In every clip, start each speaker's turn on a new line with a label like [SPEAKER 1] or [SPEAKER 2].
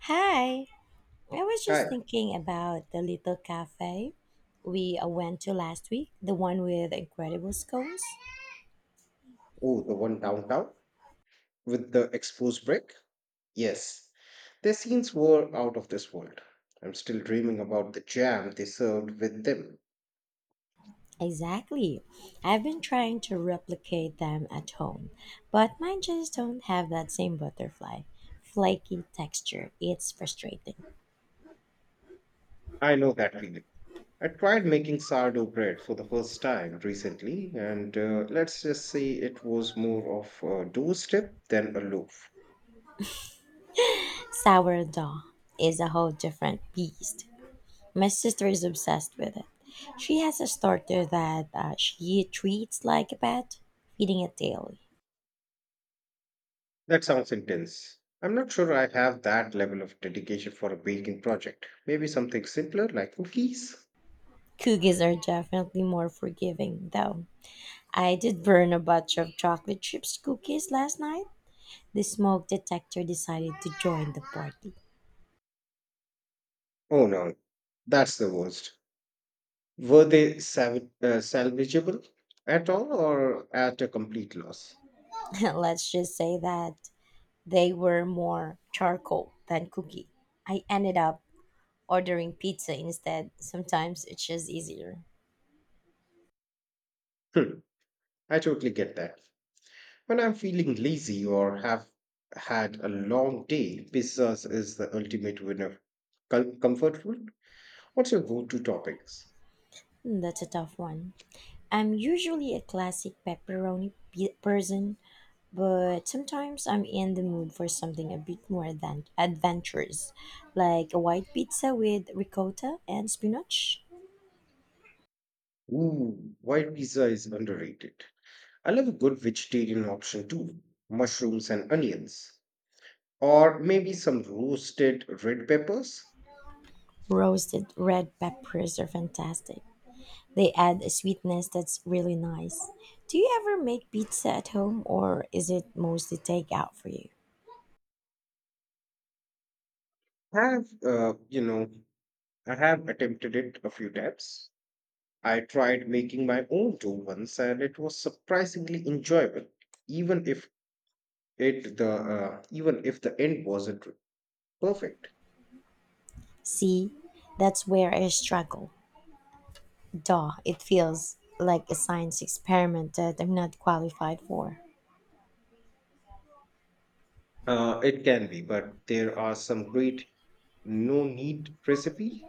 [SPEAKER 1] Hi, I was just
[SPEAKER 2] Hi.
[SPEAKER 1] thinking about the little cafe we went to last week, the one with incredible scones.
[SPEAKER 2] Oh, the one downtown with the exposed brick? Yes. Their scenes were out of this world. I'm still dreaming about the jam they served with them.
[SPEAKER 1] Exactly. I've been trying to replicate them at home, but mine just don't have that same butterfly, flaky texture. It's frustrating.
[SPEAKER 2] I know that feeling. I tried making sourdough bread for the first time recently, and let's just say it was more of a dough strip than a loaf.
[SPEAKER 1] Sourdough is a whole different beast. My sister is obsessed with it. She has a starter that she treats like a pet, feeding it daily.
[SPEAKER 2] That sounds intense. I'm not sure I have that level of dedication for a baking project. Maybe something simpler like cookies?
[SPEAKER 1] Cookies are definitely more forgiving, though. I did burn a batch of chocolate chips cookies last night. The smoke detector decided to join the party.
[SPEAKER 2] Oh no, that's the worst. Were they salvageable at all or at a complete loss?
[SPEAKER 1] Let's just say that they were more charcoal than cookie. I ended up ordering pizza instead. Sometimes it's just easier.
[SPEAKER 2] Hmm, I totally get that. When I'm feeling lazy or have had a long day, pizzas is the ultimate winner. Comfort food? What's your go to toppings?
[SPEAKER 1] Hmm, that's a tough one. I'm usually a classic person, but sometimes I'm in the mood for something a bit more than adventurous, like a white pizza with ricotta and spinach.
[SPEAKER 2] Ooh, white pizza is underrated. I love a good vegetarian option too mushrooms and onions. Or maybe some roasted red peppers.
[SPEAKER 1] Roasted red peppers are fantastic. They add a sweetness that's really nice. Do you ever make pizza at home or is it mostly takeout for you?
[SPEAKER 2] Have, uh, you know, I have attempted it a few times. I tried making my own dough once and it was surprisingly enjoyable, even if it the even if the end wasn't perfect.
[SPEAKER 1] See, that's where I struggle. Duh, it feels like a science experiment that I'm not qualified for.
[SPEAKER 2] It can be, but there are some great no need recipe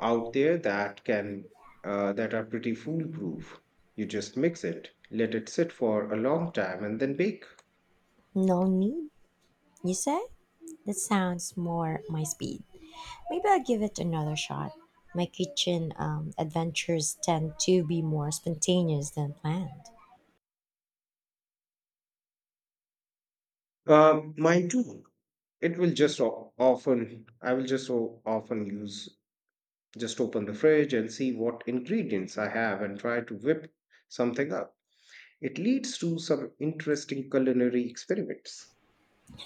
[SPEAKER 2] out there that can that are pretty foolproof. You just mix it, let it sit for a long time, and then bake.
[SPEAKER 1] No need, you say? That sounds more my speed. Maybe I'll give it another shot. My kitchen adventures tend to be more spontaneous than planned.
[SPEAKER 2] Mine too. It will just o- often I will just o- often use Just open the fridge and see what ingredients I have and try to whip something up. It leads to some interesting culinary experiments.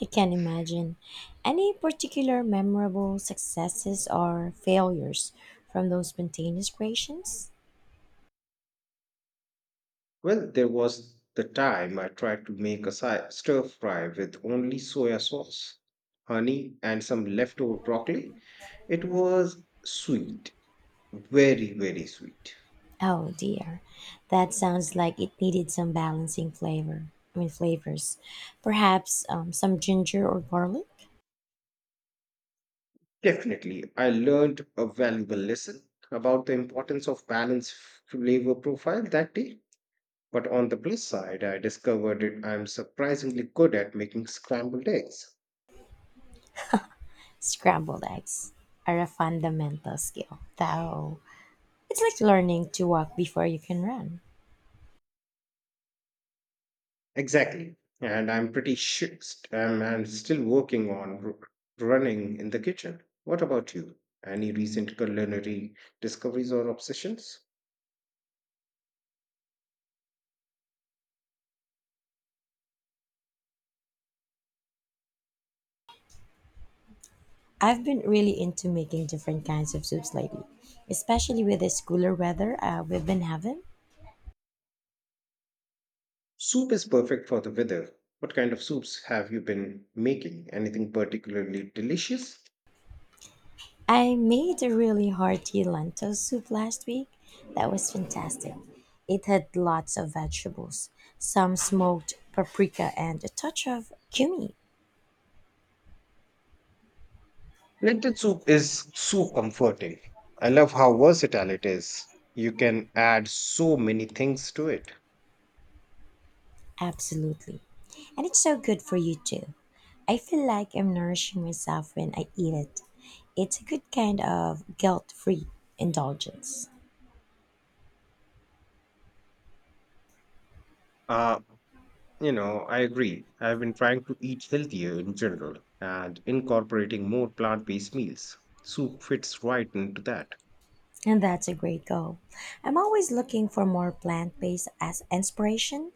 [SPEAKER 1] I can imagine. Any particular memorable successes or failures from those spontaneous creations?
[SPEAKER 2] Well, there was the time I tried to make a stir fry with only soya sauce, honey, and some leftover broccoli. It was sweet, very, very sweet.
[SPEAKER 1] Oh dear, that sounds like it needed some balancing flavor. I mean, flavors. Perhaps some ginger or garlic?
[SPEAKER 2] Definitely, I learned a valuable lesson about the importance of balanced flavor profile that day. But on the plus side, I discovered it, I'm surprisingly good at making scrambled eggs.
[SPEAKER 1] Scrambled eggs are a fundamental skill, though. It's like learning to walk before you can run.
[SPEAKER 2] Exactly. And I'm pretty sure I'm still working on running in the kitchen. What about you? Any recent culinary discoveries or obsessions?
[SPEAKER 1] I've been really into making different kinds of soups lately, especially with this cooler weather we've been having.
[SPEAKER 2] Soup is perfect for the weather. What kind of soups have you been making? Anything particularly delicious?
[SPEAKER 1] I made a really hearty lentil soup last week that was fantastic. It had lots of vegetables, some smoked paprika, and a touch of cumin.
[SPEAKER 2] Lentil soup is so comforting. I love how versatile it is. You can add so many things to it.
[SPEAKER 1] Absolutely. And it's so good for you too. I feel like I'm nourishing myself when I eat it. It's a good kind of guilt free indulgence.
[SPEAKER 2] You know, I agree. I've been trying to eat healthier in general and incorporating more plant based meals. Soup fits right into that.
[SPEAKER 1] And that's a great goal. I'm always looking for more plant based as inspiration.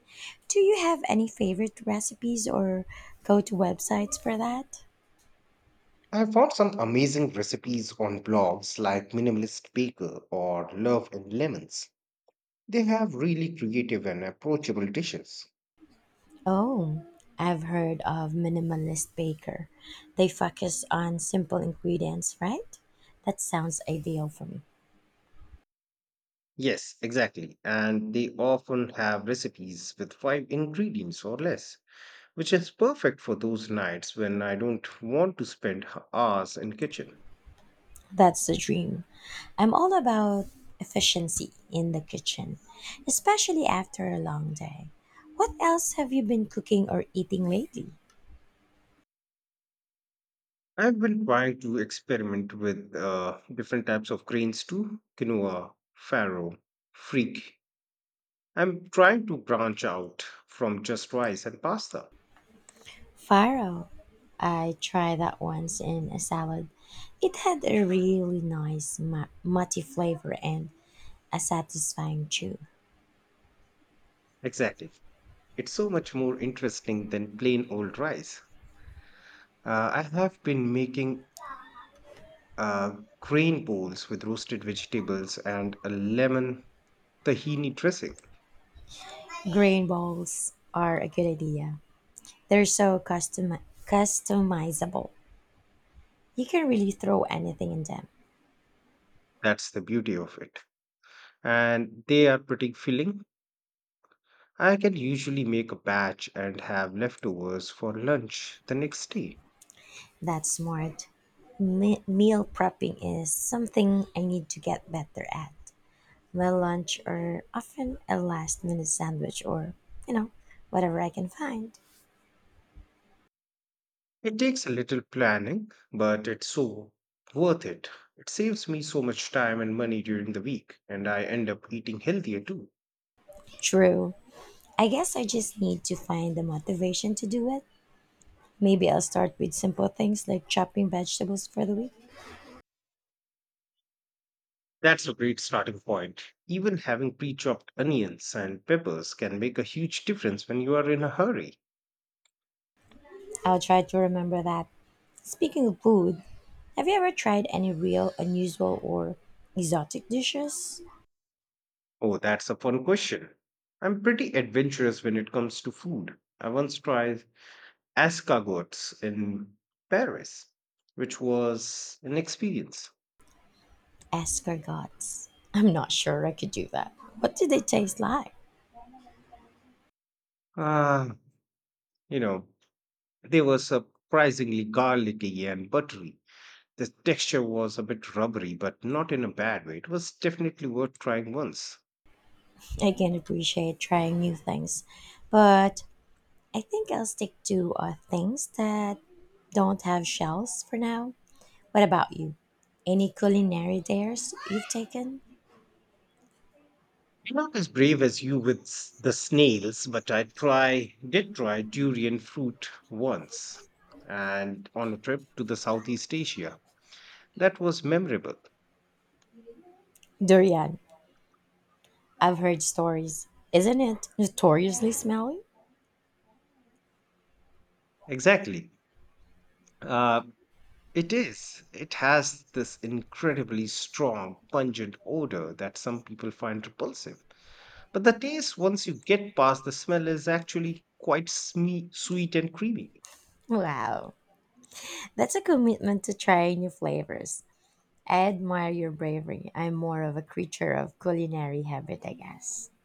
[SPEAKER 1] Do you have any favorite recipes or go to websites for that?
[SPEAKER 2] I found some amazing recipes on blogs like Minimalist Baker or Love and Lemons. They have really creative and approachable dishes.
[SPEAKER 1] Oh, I've heard of Minimalist Baker. They focus on simple ingredients, right? That sounds ideal for me.
[SPEAKER 2] Yes, exactly. And they often have recipes with five ingredients or less, which is perfect for those nights when I don't want to spend hours in kitchen.
[SPEAKER 1] That's the dream. I'm all about efficiency in the kitchen, especially after a long day. What else have you been cooking or eating lately?
[SPEAKER 2] I've been trying to experiment with different types of grains too, quinoa, farro, freak. I'm trying to branch out from just rice and pasta.
[SPEAKER 1] Farro. I tried that once in a salad. It had a really nutty flavor and a satisfying chew.
[SPEAKER 2] Exactly. It's so much more interesting than plain old rice. I have been making uh, green bowls with roasted vegetables and a lemon tahini dressing.
[SPEAKER 1] Grain balls are a good idea. They're so customizable. You can really throw anything in them.
[SPEAKER 2] That's the beauty of it. And they are pretty filling. I can usually make a batch and have leftovers for lunch the next day.
[SPEAKER 1] That's smart. Meal prepping is something I need to get better at. My lunch or often a last minute sandwich or, you know, whatever I can find.
[SPEAKER 2] It takes a little planning, but it's so worth it. It saves me so much time and money during the week, and I end up eating healthier too.
[SPEAKER 1] True. I guess I just need to find the motivation to do it. Maybe I'll start with simple things like chopping vegetables for the week.
[SPEAKER 2] That's a great starting point. Even having pre chopped onions and peppers can make a huge difference when you are in a hurry.
[SPEAKER 1] I'll try to remember that. Speaking of food, have you ever tried any real unusual or exotic dishes?
[SPEAKER 2] Oh, that's a fun question. I'm pretty adventurous when it comes to food. I once tried escargots in Paris, which was an experience.
[SPEAKER 1] Escargots. I'm not sure I could do that. What do they taste like?
[SPEAKER 2] Ah, you know, They were surprisingly garlicky and buttery. The texture was a bit rubbery, but not in a bad way. It was definitely worth trying once.
[SPEAKER 1] I can appreciate trying new things, but I think I'll stick to things that don't have shells for now. What about you? Any culinary dares you've taken?
[SPEAKER 2] I'm not as brave as you with the snails, but I try did try durian fruit once and on a trip to the Southeast Asia. That was memorable.
[SPEAKER 1] Durian. I've heard stories. Isn't it notoriously smelly?
[SPEAKER 2] Exactly. Uh, it is. It has this incredibly strong, pungent odor that some people find repulsive. But the taste, once you get past the smell, is actually quite sweet and creamy.
[SPEAKER 1] Wow. That's a commitment to try new flavors. I admire your bravery. I'm more of a creature of culinary habit, I guess.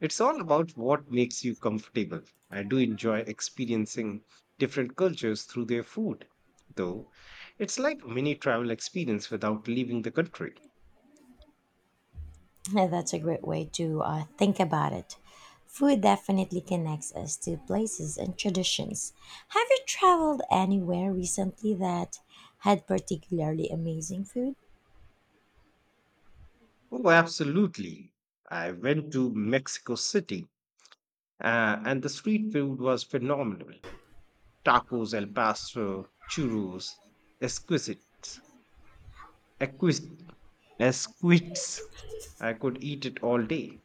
[SPEAKER 2] It's all about what makes you comfortable. I do enjoy experiencing different cultures through their food, though. It's like mini travel experience without leaving the country.
[SPEAKER 1] Yeah, that's a great way to think about it. Food definitely connects us to places and traditions. Have you traveled anywhere recently that had particularly amazing food?
[SPEAKER 2] Oh, absolutely. I went to Mexico City, and the street food was phenomenal. Tacos, el pastor, churros, exquisite. Acquis- Asquiths. I could eat it all day.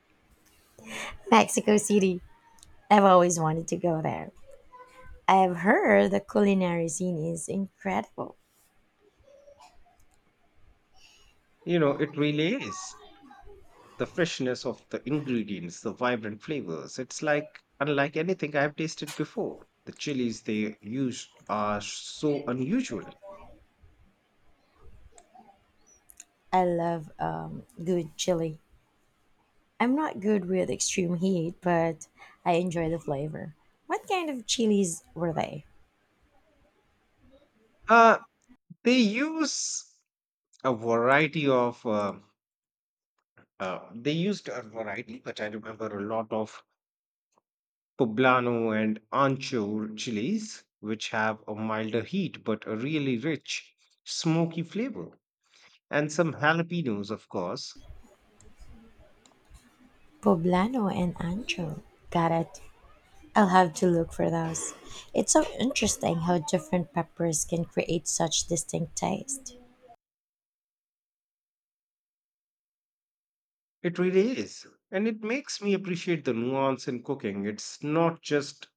[SPEAKER 1] Mexico City. I've always wanted to go there. I've heard the culinary scene is incredible.
[SPEAKER 2] You know, it really is. The freshness of the ingredients, the vibrant flavors. It's like unlike anything I've tasted before. The chilies they use are so unusual.
[SPEAKER 1] I love good chili. I'm not good with extreme heat, but I enjoy the flavor. What kind of chilies were they?
[SPEAKER 2] Uh, they use a variety of. They used a variety, but I remember a lot of poblano and ancho chilies, which have a milder heat but a really rich, smoky flavor, and some jalapenos, of course.
[SPEAKER 1] Poblano and ancho. Got it. I'll have to look for those. It's so interesting how different peppers can create such distinct taste.
[SPEAKER 2] It really is. And it makes me appreciate the nuance in cooking. It's not just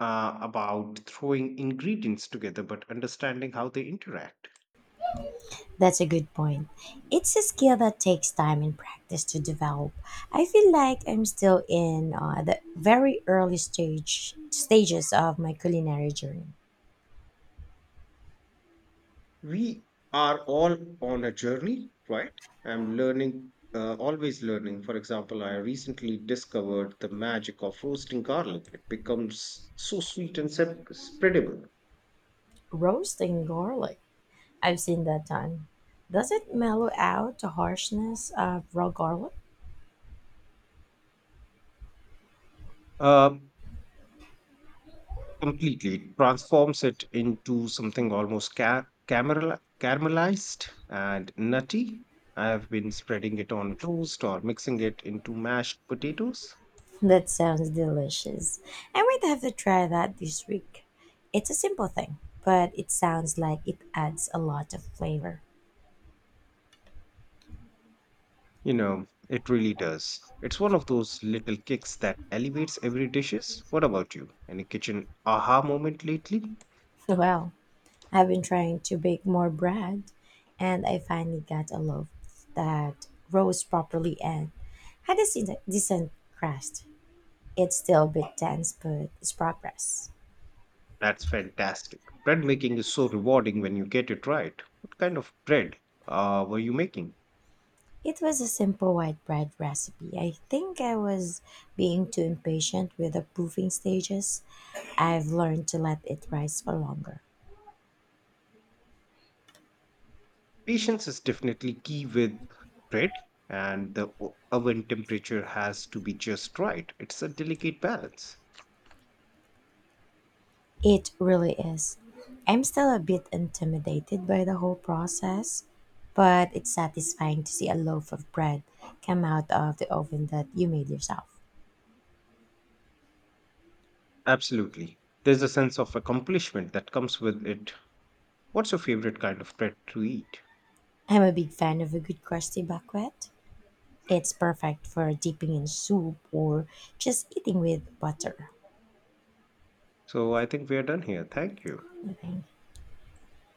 [SPEAKER 2] about throwing ingredients together, but understanding how they interact.
[SPEAKER 1] That's a good point. It's a skill that takes time and practice to develop. I feel like I'm still in the very early stages of my culinary journey.
[SPEAKER 2] We are all on a journey right? I'm learning, always learning. For example, I recently discovered the magic of roasting garlic. It becomes so sweet and spreadable.
[SPEAKER 1] Roasting garlic. I've seen that done. Does it mellow out the harshness of raw garlic?
[SPEAKER 2] uh, Completely. It transforms it into something almost caramelized and nutty. I have been spreading it on toast or mixing it into mashed potatoes.
[SPEAKER 1] That sounds delicious. I might have to try that this week. It's a simple thing, but it sounds like it adds a lot of flavor.
[SPEAKER 2] You know, it really does. It's one of those little kicks that elevates every dishes. What about you? Any kitchen aha moment lately?
[SPEAKER 1] Well, I've been trying to bake more bread, and I finally got a loaf that rose properly and had a decent crust. It's still a bit dense, but it's progress.
[SPEAKER 2] That's fantastic. Bread making is so rewarding when you get it right. What kind of bread were you making?
[SPEAKER 1] It was a simple white bread recipe. I think I was being too impatient with the proofing stages. I've learned to let it rise for longer.
[SPEAKER 2] Patience is definitely key with bread, and the oven temperature has to be just right. It's a delicate balance.
[SPEAKER 1] It really is. I'm still a bit intimidated by the whole process, but it's satisfying to see a loaf of bread come out of the oven that you made yourself.
[SPEAKER 2] Absolutely. There's a sense of accomplishment that comes with it. What's your favorite kind of bread to eat?
[SPEAKER 1] I'm a big fan of a good crusty baguette. It's perfect for dipping in soup or just eating with butter.
[SPEAKER 2] So I think we are done here. Thank you.
[SPEAKER 1] I